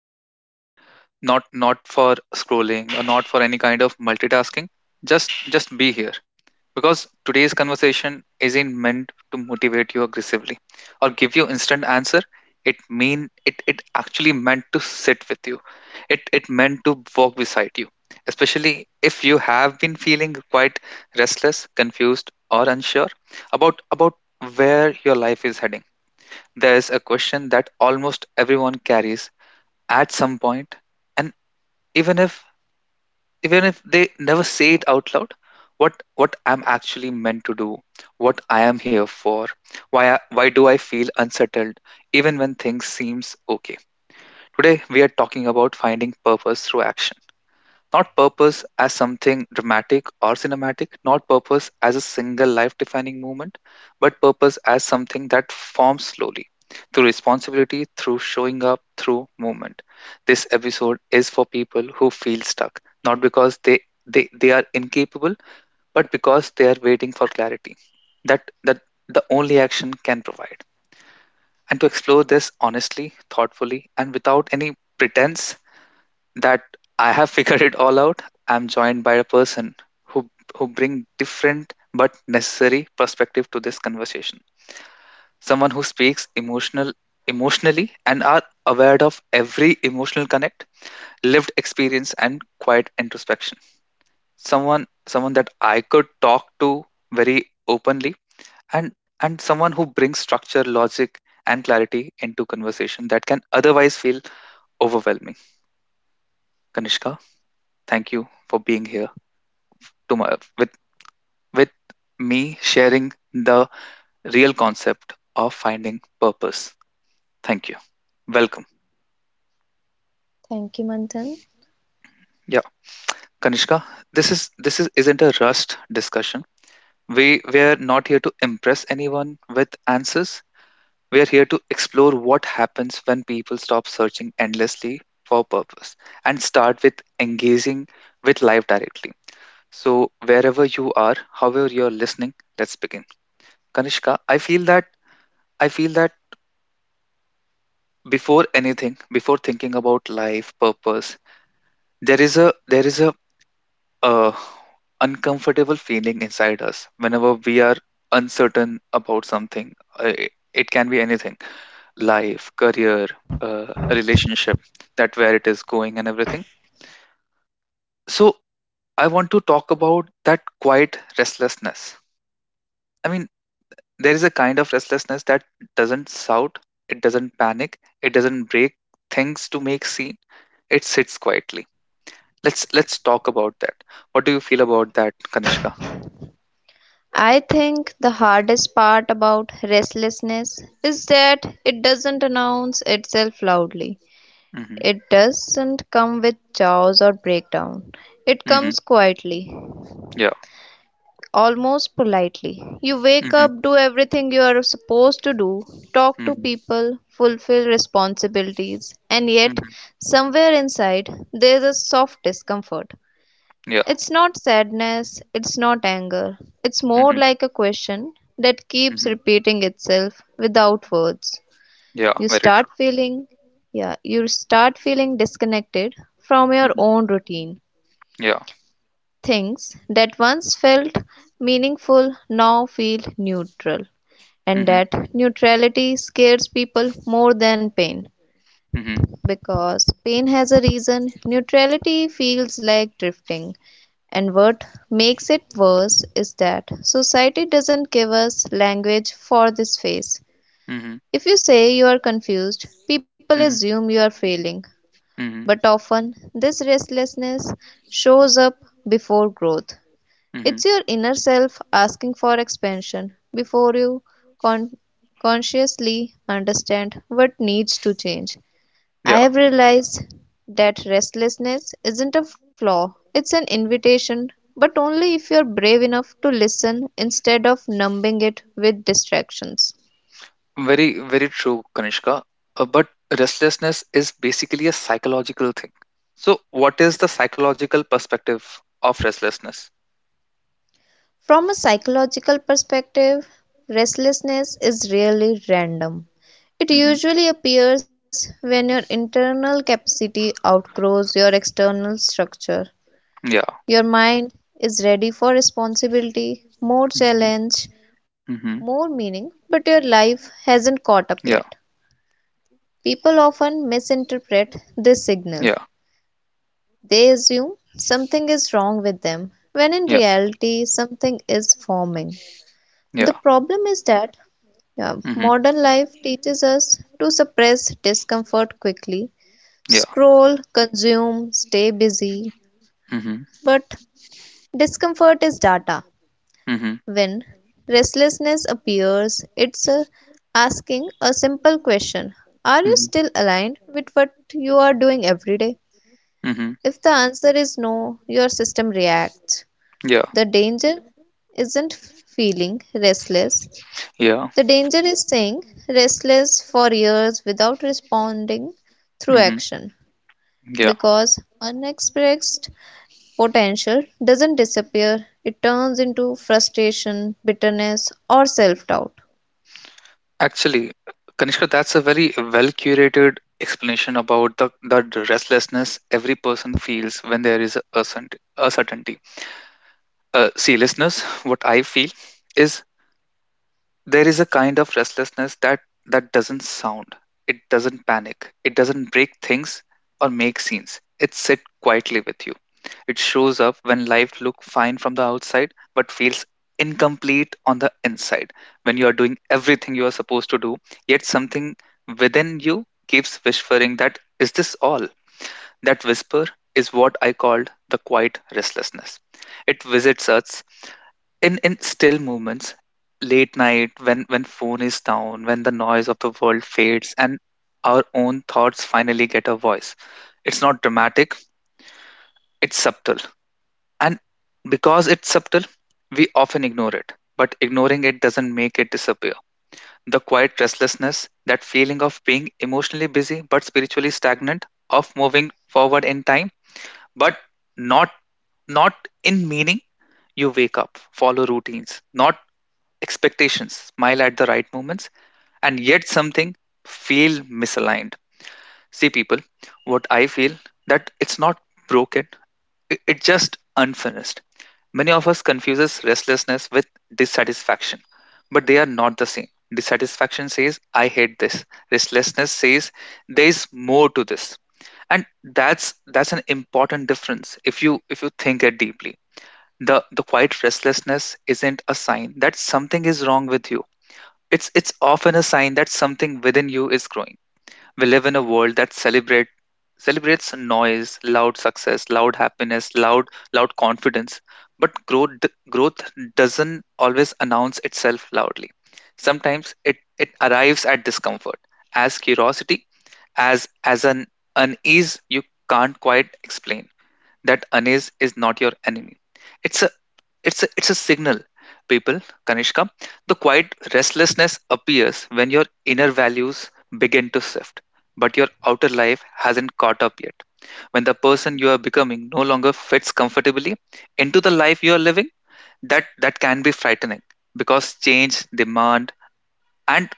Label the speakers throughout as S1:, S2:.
S1: a second. Not for scrolling or not for any kind of multitasking. Just be here, because today's conversation isn't meant to motivate you aggressively or give you instant answer. It actually meant to sit with you. It meant to walk beside you. Especially if you have been feeling quite restless, confused or unsure about where your life is heading, there is a question that almost everyone carries at some point, and even if even if they never say it out loud, what I'm actually meant to do, what I am here for, why do I feel unsettled even when things seems okay? Today we are talking about finding purpose through action. Not purpose as something dramatic or cinematic, not purpose as a single life defining moment, but purpose as something that forms slowly through responsibility, through showing up, through movement. This episode is for people who feel stuck, not because they are incapable, but because they are waiting for clarity that the only action can provide. And to explore this honestly, thoughtfully, and without any pretense, that I have figured it all out, I'm joined by a person who who bring different but necessary perspective to this conversation. Someone who speaks emotionally and are aware of every emotional connect, lived experience and quiet introspection. Someone that I could talk to very openly, and and someone who brings structure, logic and clarity into conversation that can otherwise feel overwhelming. Kanishka, thank you for being here, to my, with me, sharing the real concept of finding purpose. Thank you. Welcome.
S2: Thank you, Manthan.
S1: Yeah, Kanishka, this is isn't a rushed discussion. We are not here to impress anyone with answers. We are here to explore what happens when people stop searching endlessly for purpose and start with engaging with life directly. So wherever you are, however you're listening, let's begin. Kanishka, I feel that before anything, before thinking about life purpose, there is a uh, uncomfortable feeling inside us whenever we are uncertain about something. It can be anything life career, uh, relationship, that where it is going and everything. So I want to talk about that quiet restlessness. I mean, there is a kind of restlessness that doesn't shout, it doesn't panic, it doesn't break things to make scene, it sits quietly. Let's talk about that. What do you feel about that, Kanishka?
S2: I think the hardest part about restlessness is that it doesn't announce itself loudly.
S1: Mm-hmm.
S2: It doesn't come with chaos or breakdown. It
S1: Mm-hmm.
S2: comes quietly,
S1: Yeah.
S2: almost politely. You wake
S1: Mm-hmm.
S2: up, do everything you are supposed to do, talk to
S1: Mm-hmm.
S2: people, fulfill responsibilities, and yet,
S1: Mm-hmm.
S2: somewhere inside, there's a soft discomfort.
S1: Yeah.
S2: It's not sadness, it's not anger. It's more
S1: Mm-hmm.
S2: like a question that keeps
S1: Mm-hmm.
S2: repeating itself without words.
S1: Yeah.
S2: You
S1: Very
S2: start
S1: true.
S2: feeling, yeah, you start feeling disconnected from your
S1: Mm-hmm.
S2: own routine.
S1: Yeah.
S2: Things that once felt meaningful now feel neutral, and
S1: Mm-hmm.
S2: that neutrality scares people more than pain.
S1: Mm-hmm.
S2: Because pain has a reason, neutrality feels like drifting. And what makes it worse is that society doesn't give us language for this phase.
S1: Mm-hmm.
S2: If you say you are confused, people
S1: Mm-hmm.
S2: assume you are failing.
S1: Mm-hmm.
S2: But often, this restlessness shows up before growth.
S1: Mm-hmm.
S2: It's your inner self asking for expansion before you con- consciously understand what needs to change. I
S1: Yeah.
S2: have realized that restlessness isn't a flaw, it's an invitation, but only if you're brave enough to listen instead of numbing it with distractions.
S1: Very very true, Kanishka. But restlessness is basically a psychological thing. So, what is the psychological perspective of restlessness?
S2: From a psychological perspective, restlessness is really random. It
S1: Mm-hmm.
S2: usually appears when your internal capacity outgrows your external structure.
S1: Yeah.
S2: Your mind is ready for responsibility, more
S1: Mm-hmm.
S2: challenge,
S1: Mm-hmm.
S2: more meaning, but your life hasn't caught up yet.
S1: Yeah.
S2: People often misinterpret this signal.
S1: Yeah.
S2: They assume something is wrong with them, when in
S1: Yeah.
S2: reality, something is forming.
S1: Yeah.
S2: The problem is that
S1: Mm-hmm.
S2: modern life teaches us to suppress discomfort quickly,
S1: Yeah.
S2: scroll, consume, stay busy,
S1: Mm-hmm.
S2: but discomfort is data.
S1: Mm-hmm.
S2: When restlessness appears, it's asking a simple question. Are you
S1: Mm-hmm.
S2: still aligned with what you are doing every day?
S1: Mm-hmm.
S2: If the answer is no, your system reacts.
S1: Yeah.
S2: The danger isn't feeling restless,
S1: Yeah.
S2: the danger is staying restless for years without responding through
S1: Mm-hmm.
S2: action,
S1: Yeah.
S2: because unexpressed potential doesn't disappear, it turns into frustration, bitterness, or self doubt.
S1: Actually, Kanishka, that's a very well curated explanation about the restlessness every person feels when there is a certainty. See, listeners, what I feel is, there is a kind of restlessness that doesn't sound. It doesn't panic. It doesn't break things or make scenes. It sits quietly with you. It shows up when life looks fine from the outside but feels incomplete on the inside. When you are doing everything you are supposed to do, yet something within you keeps whispering, that is this all? That whisper is what I called the quiet restlessness. It visits us in still moments, late night, when phone is down, when the noise of the world fades and our own thoughts finally get a voice. It's not dramatic, it's subtle, and because it's subtle, we often ignore it. But ignoring it doesn't make it disappear. The quiet restlessness, that feeling of being emotionally busy but spiritually stagnant, of moving forward in time but not not in meaning. You wake up, follow routines, not expectations, smile at the right moments, and yet something feel misaligned. See, people, what I feel, that it's not broken, it's just unfinished. Many of us confuses restlessness with dissatisfaction, but they are not the same. Dissatisfaction says, I hate this. Restlessness says, there is more to this. And that's an important difference, if you think it deeply. The quiet restlessness isn't a sign that something is wrong with you, it's often a sign that something within you is growing. We live in a world that celebrates noise, loud success, loud happiness, loud confidence, but growth doesn't always announce itself loudly. Sometimes it arrives at discomfort, as curiosity, as an unease you can't quite explain. That unease is not your enemy. It's a it's a signal, people, Kanishka. The quiet restlessness appears when your inner values begin to shift, but your outer life hasn't caught up yet. When the person you are becoming no longer fits comfortably into the life you are living, that can be frightening, because change, demand, and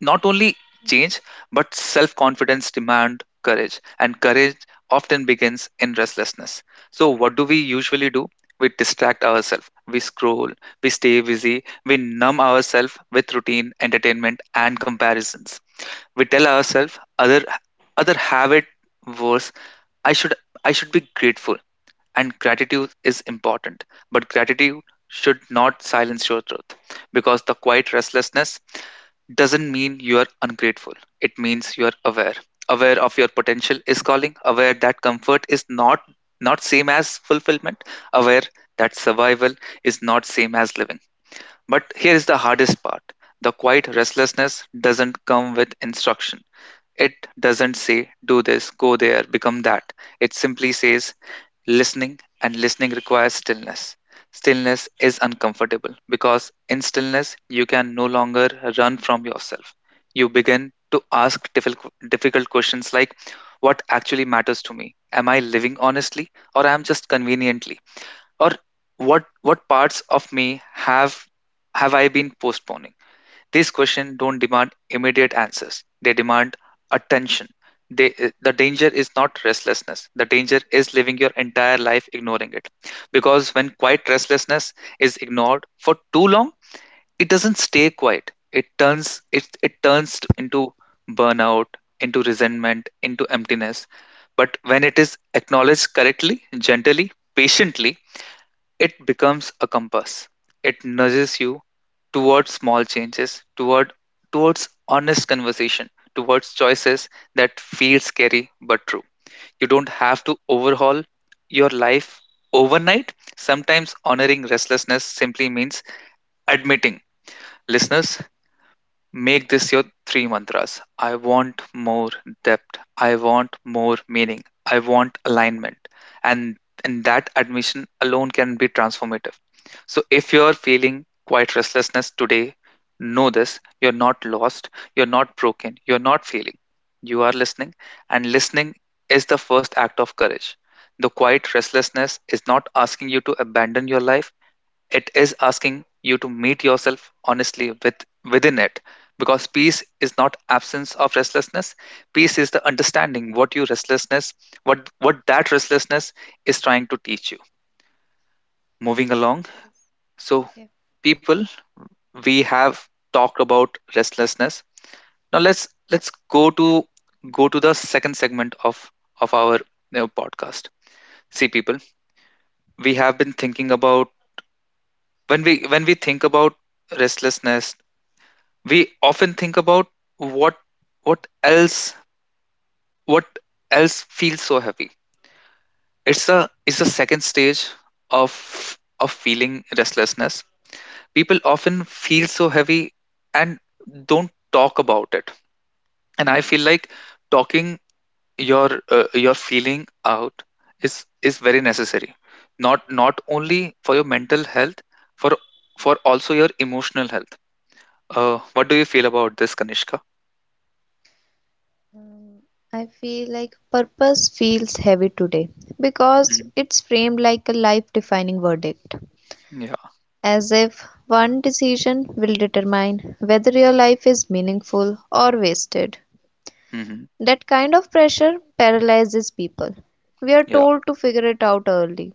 S1: not only change, but self confidence demand courage, and courage often begins in restlessness. So, what do we usually do? We distract ourselves, we scroll, we stay busy, we numb ourselves with routine, entertainment, and comparisons. We tell ourselves other have it worse. I should I should be grateful, and gratitude is important, but gratitude should not silence your truth, because the quiet restlessness doesn't mean you are ungrateful. It means you are aware, aware of your potential is calling, aware that comfort is not same as fulfillment, aware that survival is not same as living. But here is the hardest part: the quiet restlessness doesn't come with instruction. It doesn't say do this, go there, become that. It simply says listening, and listening requires stillness. Stillness is uncomfortable, because in stillness, you can no longer run from yourself. You begin to ask difficult questions like, what actually matters to me? Am I living honestly, or am I just conveniently? Or what parts of me have I been postponing? These questions don't demand immediate answers. They demand attention. They, the danger is not restlessness. The danger is living your entire life ignoring it. Because when quiet restlessness is ignored for too long, it doesn't stay quiet. It turns into burnout, into resentment, into emptiness. But when it is acknowledged correctly, gently, patiently, it becomes a compass. It nudges you towards small changes, towards honest conversation, towards choices that feel scary but true. You don't have to overhaul your life overnight. Sometimes honoring restlessness simply means admitting, listeners, make this your three mantras. I want more depth. I want more meaning. I want alignment. And and that admission alone can be transformative. So if you're feeling quite restlessness today, know this. You're not lost. You're not broken. You're not failing. You are listening. And listening is the first act of courage. The quiet restlessness is not asking you to abandon your life, it is asking you to meet yourself honestly within it, because peace is not absence of restlessness. Peace is the understanding what that restlessness is trying to teach you. Moving along, so,
S2: Yeah.
S1: people, we have talked about restlessness. Now let's go to go to the second segment of our podcast. See, people, we have been thinking about, when we think about restlessness, we often think about what what else what else feels so heavy. It's the second stage of of feeling restlessness. People often feel so heavy and don't talk about it, and I feel like talking your feeling out is very necessary, not only for your mental health, for for also your emotional health. What do you feel about this, Kanishka?
S2: I feel like purpose feels heavy today because
S1: Mhm.
S2: it's framed like a life defining verdict,
S1: Yeah.
S2: as if one decision will determine whether your life is meaningful or wasted.
S1: Hmm.
S2: That kind of pressure paralyzes people. We are
S1: Yeah.
S2: told to figure it out early,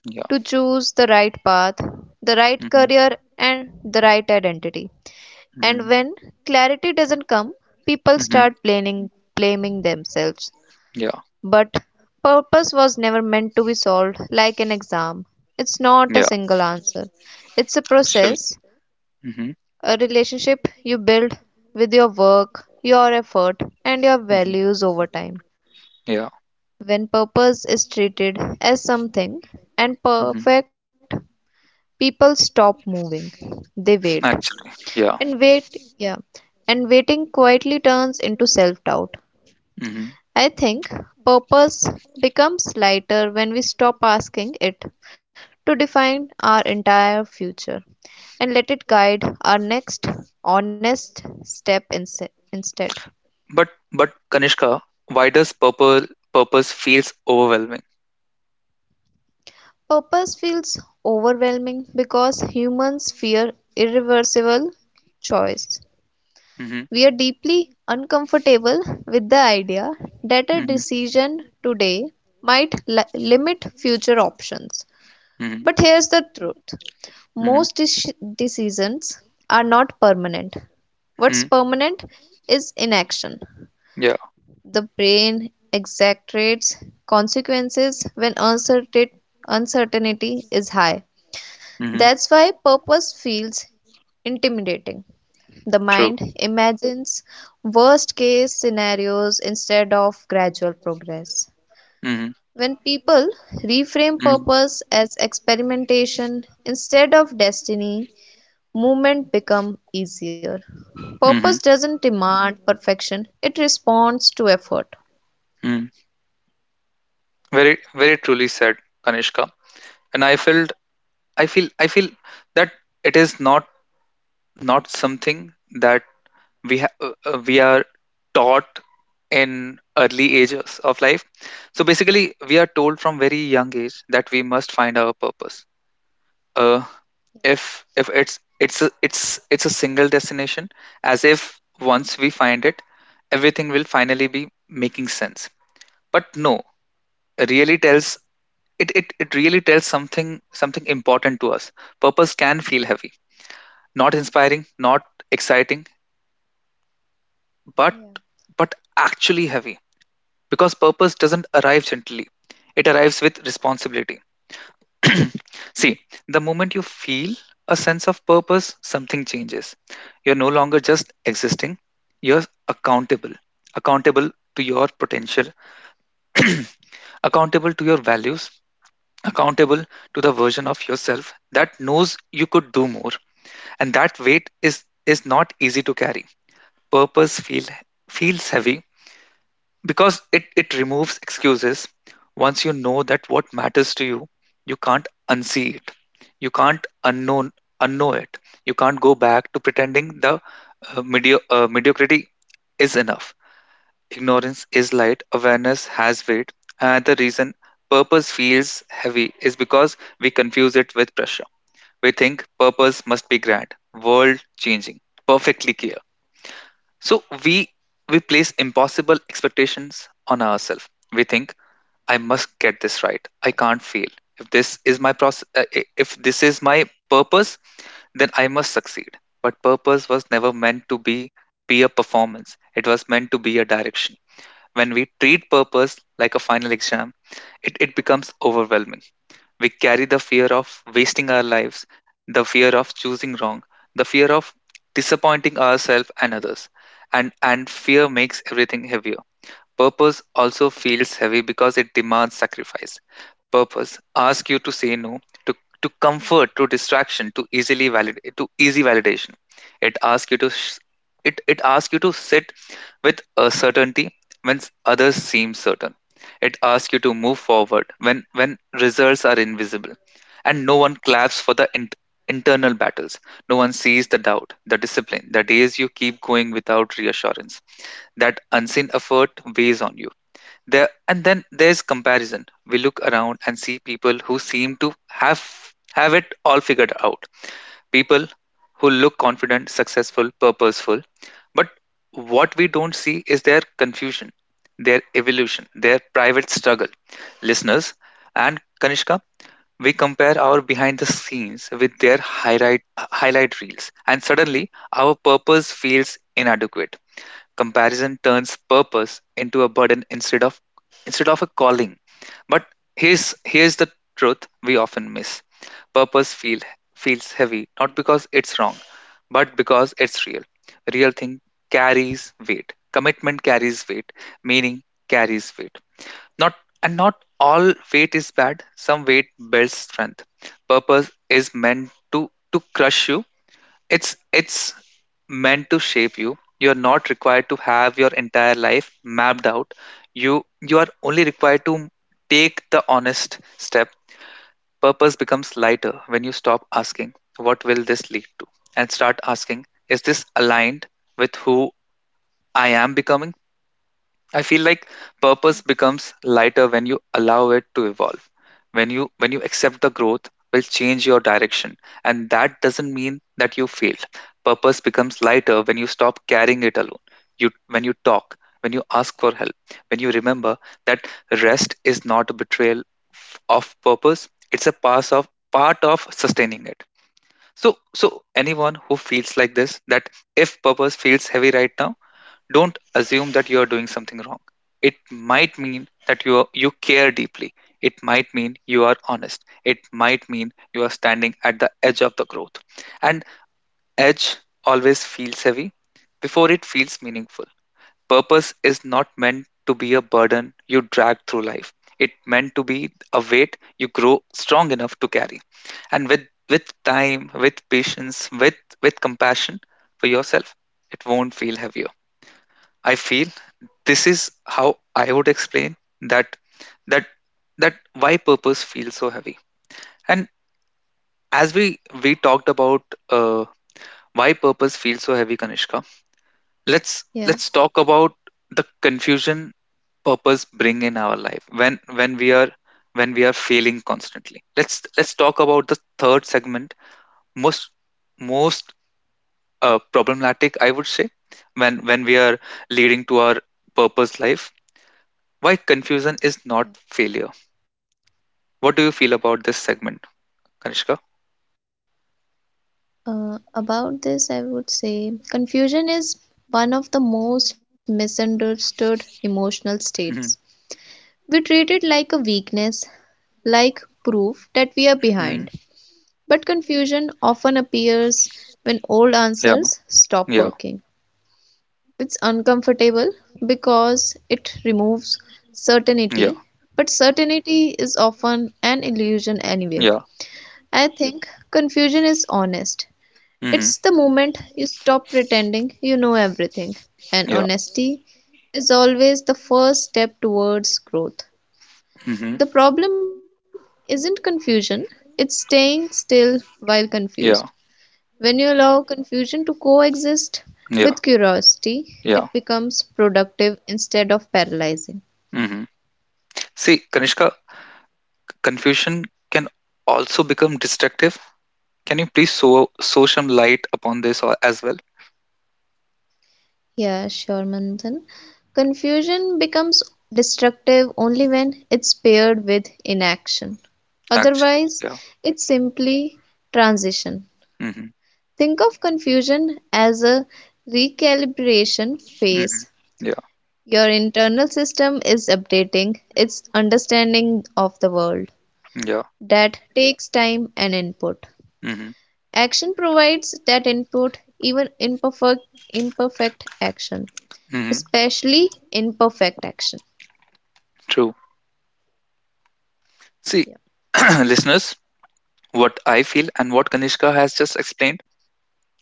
S2: to
S1: Yeah.
S2: choose the right path, the right
S1: Hmm.
S2: career, and the right identity. And
S1: Hmm.
S2: when clarity doesn't come, people
S1: Hmm.
S2: start blaming, blaming themselves.
S1: Yeah.
S2: But purpose was never meant to be solved like an exam. It's not a
S1: Yeah.
S2: single answer. It's a
S1: Actually.
S2: process,
S1: Hmm.
S2: a relationship you build with your work, your effort, and your
S1: Hmm.
S2: values over time.
S1: Yeah.
S2: When purpose is treated as something and
S1: Hmm.
S2: perfect, people stop moving. They wait.
S1: Actually. Yeah.
S2: And wait, yeah. And waiting quietly turns into self doubt.
S1: Hmm.
S2: I think purpose becomes lighter when we stop asking it to define our entire future and let it guide our next honest step instead.
S1: But Kanishka, why does purple purpose feels overwhelming?
S2: Purpose feels overwhelming because humans fear irreversible choice.
S1: Hmm.
S2: We are deeply uncomfortable with the idea that a
S1: Hmm.
S2: decision today might limit future options.
S1: Hmm.
S2: But here's the truth,
S1: Hmm.
S2: most decisions are not permanent. What's
S1: Hmm.
S2: permanent is inaction.
S1: Yeah.
S2: The brain exaggerates consequences when uncertainty is high.
S1: Hmm.
S2: That's why purpose feels intimidating. The
S1: True.
S2: mind imagines worst case scenarios instead of gradual progress.
S1: Hmm.
S2: When people reframe
S1: Hmm.
S2: purpose as experimentation instead of destiny, movement becomes easier.
S1: Hmm.
S2: Purpose doesn't demand perfection, it responds to effort.
S1: Hmm. Very, very truly said, Kanishka. And I feel that it is not, not something that we are taught in early ages of life. So basically, we are told from very young age that we must find our purpose. uh, if it's a, it's it's a single destination, as if once we find it, everything will finally be making sense. But no really tells it really tells something, something important to us. Purpose can feel heavy, not inspiring, not exciting, but
S2: Yeah,
S1: but actually heavy, because purpose doesn't arrive gently, it arrives with responsibility. See, the moment you feel a sense of purpose, something changes. You're no longer just existing, you're accountable. Accountable to your potential. Accountable to your values. Accountable to the version of yourself that knows you could do more. And that weight is not easy to carry. Purpose feels heavy because it
S2: yeah,
S1: removes excuses. Once you know that what matters to you, you can't unsee it. You can't unknown, unknow it. You can't go back to pretending the mediocrity is enough. Ignorance is light, awareness has weight, and the reason purpose feels heavy is because we confuse it with pressure. We think purpose must be grand, world changing, perfectly clear. So we place impossible expectations on ourselves. We think I must get this right. I can't fail. If this is my process, if this is my purpose, then I must succeed. But purpose was never meant to be a performance. It was meant to be a direction. When we treat purpose like a final exam, it becomes overwhelming. We carry the fear of wasting our lives, the fear of choosing wrong, the fear of disappointing ourselves and others. And fear makes everything heavier. Purpose also feels heavy because it demands sacrifice. Purpose ask you to say no to, to comfort, to distraction, to easily valid, to easy validation. It asks you to it asks you to sit with a certainty when others seem certain. It asks you to move forward when results are invisible, and no one claps for the internal battles. No one sees the doubt, the discipline, the days you keep going without reassurance. That unseen effort weighs on you. There, and then there's comparison. We look around and see people who seem to have it all figured out. People who look confident, successful, purposeful. But what we don't see is their confusion, their evolution, their private struggle. Listeners and Kanishka, we compare our behind the scenes with their highlight reels, and suddenly our purpose feels inadequate. Comparison turns purpose into a burden instead of, instead of a calling. But here's here's the truth we often miss. Purpose feels heavy not because it's wrong, but because it's real. Real thing carries weight. Commitment carries weight. Meaning carries weight. Not and not all weight is bad. Some weight builds strength. Purpose is meant to crush you. It's meant to shape you. You're not required to have your entire life mapped out. You are only required to take the honest step. Purpose becomes lighter when you stop asking what will this lead to, and start asking is this aligned with who I am becoming? I feel like
S2: yeah,
S1: purpose becomes lighter when you allow it to evolve. When you accept the growth will change your direction, and that doesn't mean that you failed. Purpose becomes lighter when you stop carrying it alone. You when you talk, when you ask for help, when you remember that rest is not a betrayal f- of purpose, it's a part of, part of sustaining it. So anyone who feels like this that if purpose feels heavy right now, don't assume that you're doing something wrong. It might mean that you are, you care deeply. It might mean you are honest, it might mean you are standing at the edge of the growth, and edge always feels heavy before it feels meaningful. Purpose is not meant to be a burden you drag through life, it meant to be a weight you grow strong enough to carry. And with time, with patience, with compassion for yourself, it won't feel heavier. I feel this is how I would explain that that that why purpose feels so heavy. And as we talked about, uh, why purpose feels so heavy, Kanishka, let's let's
S2: yeah. Yeah.
S1: talk about the confusion purpose bring in our life when we are, when we are failing constantly. Let's talk about the third segment, most, most problematic, I would say, when we are leading to our purpose life. Why confusion is not failure. What do you feel about this segment, Kanishka?
S2: About this, I would say confusion is one of the most misunderstood emotional states.
S1: Mhm.
S2: We treat it like a weakness, like proof that we are behind.
S1: Mhm.
S2: But confusion often appears when old answers
S1: Yeah,
S2: stop
S1: yeah,
S2: working. It's uncomfortable because it removes
S1: yeah,
S2: certainty, but certainty is often an illusion anyway.
S1: yeah.
S2: I think confusion is honest.
S1: Mhm.
S2: It's the moment you stop pretending you know everything, and
S1: Yeah.
S2: honesty is always the first step towards growth.
S1: Mhm.
S2: The problem isn't confusion, it's staying still while confused.
S1: Yeah,
S2: When you allow confusion to coexist with
S1: yeah,
S2: curiosity, it
S1: yeah.
S2: becomes productive instead of paralyzing.
S1: Mhm. See, Kanishka, confusion can also become destructive. Can you please so sow some light upon this or as well?
S2: Yeah, sure, Manthan. Confusion becomes destructive only when it's paired with inaction.
S1: Actually,
S2: Otherwise,
S1: yeah.
S2: it's simply transition.
S1: Mm-hmm.
S2: Think of confusion as a recalibration
S1: hmm
S2: phase.
S1: yeah,
S2: Your internal system is updating its understanding of the world.
S1: yeah.
S2: That takes time and input.
S1: hmm
S2: Action provides that input, even imperfect, action,
S1: hmm
S2: especially imperfect action.
S1: True. See,
S2: Yeah.
S1: listeners, what I feel and what Kanishka has just explained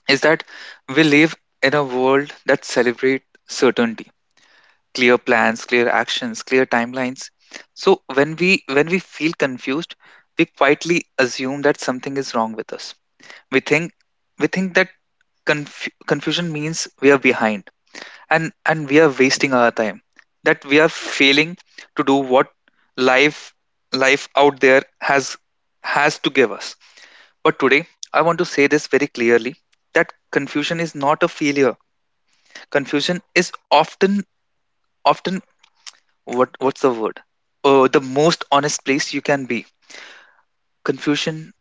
S1: is that we live in a world that celebrates certainty, clear plans, clear actions, clear timelines. So when we, when we feel confused, we quietly assume that something is wrong with us. We think we think that confusion means we are behind, and we are wasting our time, that we are failing to do what life, life out there has has to give us. But today, I want to say this very clearly, that confusion is not a failure. Confusion is often, often. What what's the word? Oh, the most honest place you can be. Confusion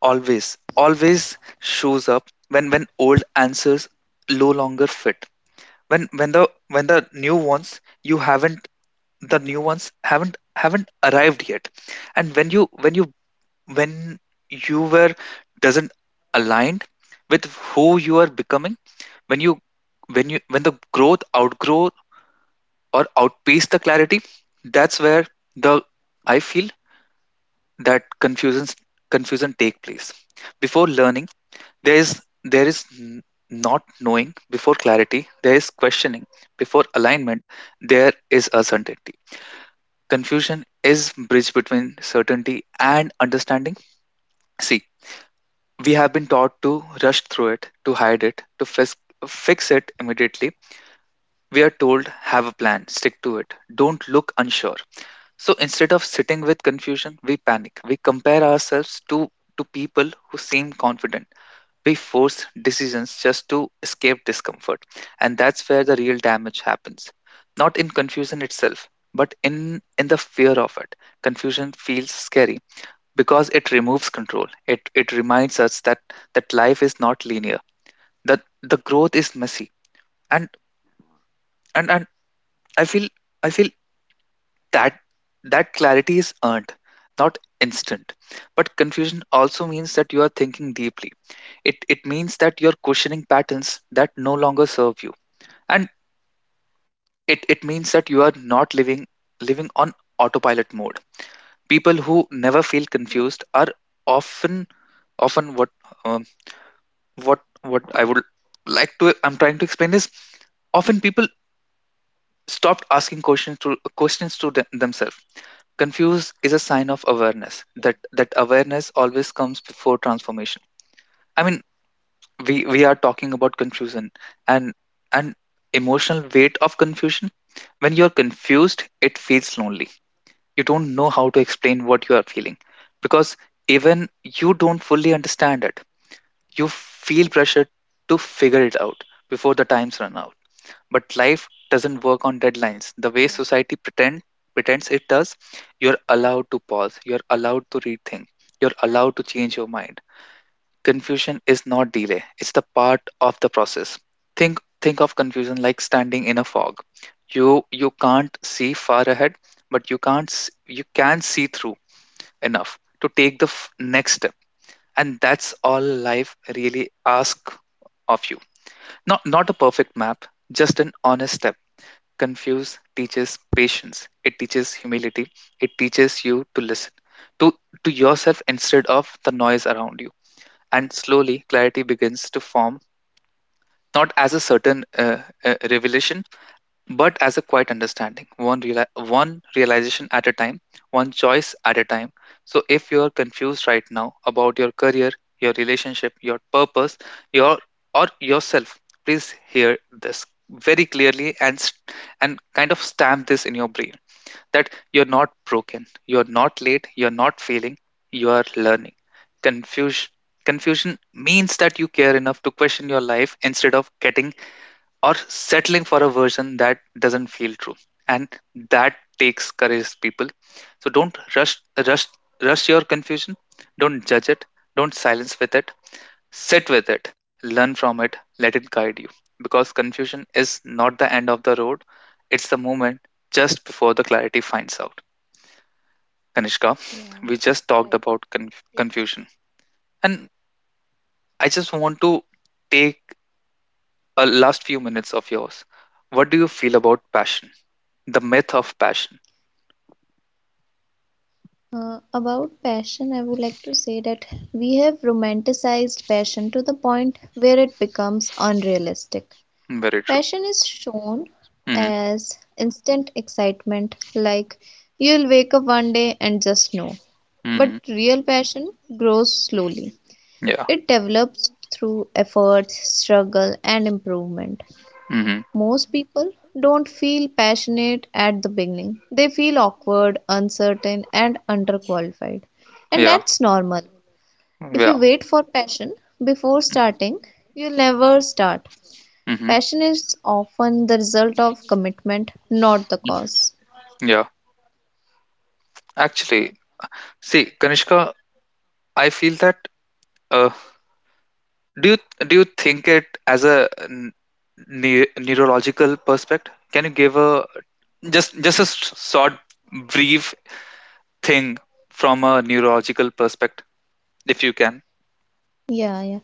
S1: always shows up when old answers no longer fit. When the, when the new ones you haven't, the new ones haven't arrived yet. And when you when you were doesn't aligned with who you are becoming, when you when the growth outgrow or outpace the clarity, that's where the I feel that confusion take place. Before learning there is, there is n- not knowing. Before clarity there is questioning. Before alignment there is uncertainty. Confusion is bridge between certainty and understanding. See, we have been taught to rush through it, to hide it, to fix it immediately. We are told have a plan, stick to it, don't look unsure. So instead of sitting with confusion, we panic. We compare ourselves to people who seem confident. We force decisions just to escape discomfort. And that's where the real damage happens. Not in confusion itself, but in the fear of it. Confusion feels scary because it removes control. It reminds us that, that life is not linear, that the growth is messy. And, and I feel I feel That that clarity is earned, not instant. But confusion also means that you are thinking deeply. It means that you are questioning patterns that no longer serve you. And it means that you are not living, living on autopilot mode. People who
S2: Yeah,
S1: never feel confused are often, often um, what I would like to I'm trying to explain is often people stopped asking questions to questions to themselves. Confused is a sign of awareness. That awareness always comes before transformation. I mean, we are talking about confusion and and emotional weight of confusion. When you're confused, it feels lonely. You don't know how to explain what you are feeling, because even you don't fully understand it. You feel pressure to figure it out before the times run out, but life doesn't work on
S2: yeah,
S1: deadlines the way society pretend, pretends it does. You're allowed to pause, you're allowed to rethink, you're allowed to change your mind. Confusion is not delay, it's the part of the process. Think of confusion like standing in a fog. You can't see far ahead, but you can't s- you can see through enough to take the f- next step. And that's all life really asks of you. Not not a perfect map, just an honest step. Confuse teaches patience, it teaches humility, it teaches you to listen to, to yourself instead of the noise around you. And slowly, clarity begins to form, not as a certain revelation, but as a quiet understanding, one reali- one realization at a time, one choice at a time. So if you are confused right now about your career, your relationship, your purpose, your or yourself, please hear this very clearly and st- and kind of stamp this in your brain that you're not broken, you're not late, you're not failing, you are learning. Confusion confusion means that you care enough to question your life instead of getting or settling for a version that doesn't feel true, and that takes courage, people. So don't rush, rush, rush your confusion, don't judge it, don't silence with it. Sit with it, learn from it, let it guide you, because confusion is not the end of the road, it's the moment just before the clarity finds out. Kanishka,
S2: yeah,
S1: we
S2: right.
S1: just talked about
S2: Yes.
S1: confusion, and I just want to take a last few minutes of yours. What do you feel about passion? The myth of passion.
S2: About passion, I would like to say that we have romanticized passion to the point where it becomes unrealistic.
S1: Very true.
S2: Passion is shown
S1: Hmm.
S2: as instant excitement, like you'll wake up one day and just know. But
S1: Hmm.
S2: real passion grows slowly.
S1: Yeah.
S2: It develops through effort, struggle, and improvement.
S1: Hmm.
S2: Most people don't feel passionate at the beginning. They feel awkward, uncertain, and underqualified. And
S1: Yeah.
S2: that's normal. If
S1: Yeah.
S2: you wait for passion before starting, you'll never start.
S1: Hmm.
S2: Passion is often the result of commitment, not the cause.
S1: Yeah. Actually,
S2: Yeah.
S1: see, Kanishka, I feel that. Uh, do you think it as a n- ne- neurological perspective? Can you give a just a s- short, brief thing from a neurological perspective, if you can?
S2: Yeah, yeah.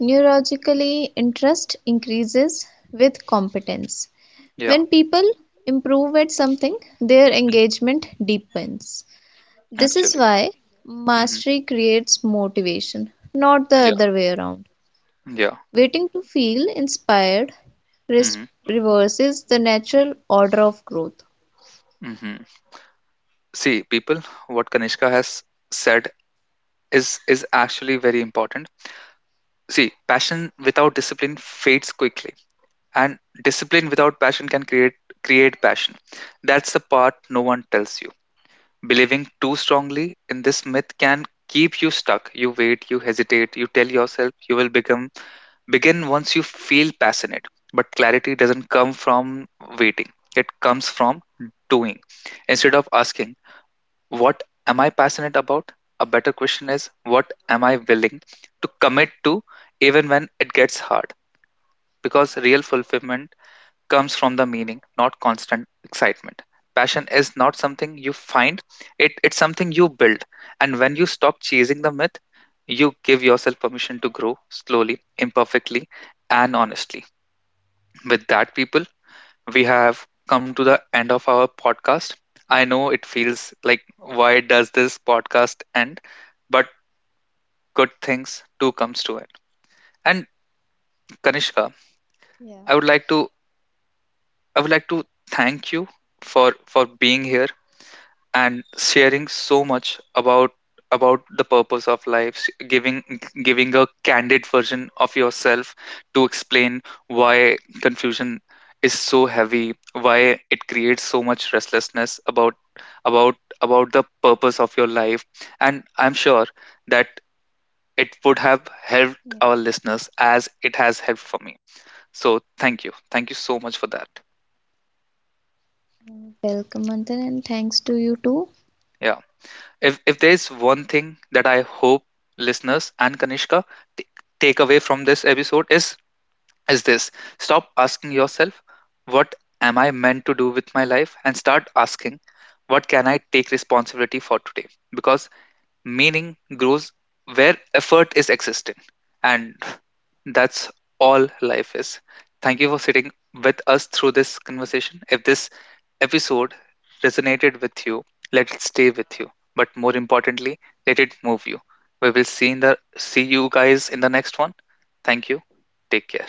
S2: Neurologically, interest increases with competence.
S1: Yeah.
S2: When people improve at something, their
S1: Hmm.
S2: engagement deepens. This is
S1: Actually.
S2: why
S1: Hmm.
S2: mastery creates motivation, not the
S1: Yeah.
S2: other way around.
S1: Yeah.
S2: Waiting to feel inspired
S1: Hmm.
S2: res- reverses the natural order of growth.
S1: Hmm. See, people, what Kanishka has said is actually very important. See, passion without discipline fades quickly, and discipline without passion can create, create passion. That's the part no one tells you. Believing too strongly in this myth can keep you stuck. You wait, you hesitate, you tell yourself you will become begin once you feel passionate. But clarity doesn't come from waiting, it comes from doing. Instead of asking what am I passionate about? A better question is, what am I willing to commit to even when it gets hard? Because real fulfillment comes from the meaning, not constant excitement. Passion is not something you find, it's something you build. And when you stop chasing the myth, you give yourself permission to grow slowly, imperfectly, and honestly. With that, people, we have come to the end of our podcast. I know it feels like, why does this podcast end? But good things do comes to it. And Kanishka,
S2: Yeah.
S1: I would like to I would like to thank you for being here and sharing so much about the purpose of life s- giving, giving a candid version of yourself to explain why confusion is so heavy, why it creates so much restlessness about about the purpose of your life. And I'm sure that it would have
S2: Yeah.
S1: helped our listeners as it has helped for me. So thank you. Thank you so much for that.
S2: Welcome, Manthan, and thanks to you too.
S1: Yeah. If there's one thing that I hope listeners and Kanishka t- take away from this episode is this. Stop asking yourself what am I meant to do with my life and start asking what can I take responsibility for today? Because meaning grows where effort is existing. And that's all life is. Thank you for sitting with us through this conversation. If this episode resonated with you, let it stay with you. But more importantly, let it move you. We will see in the see you guys in the next one. Thank you. Take care.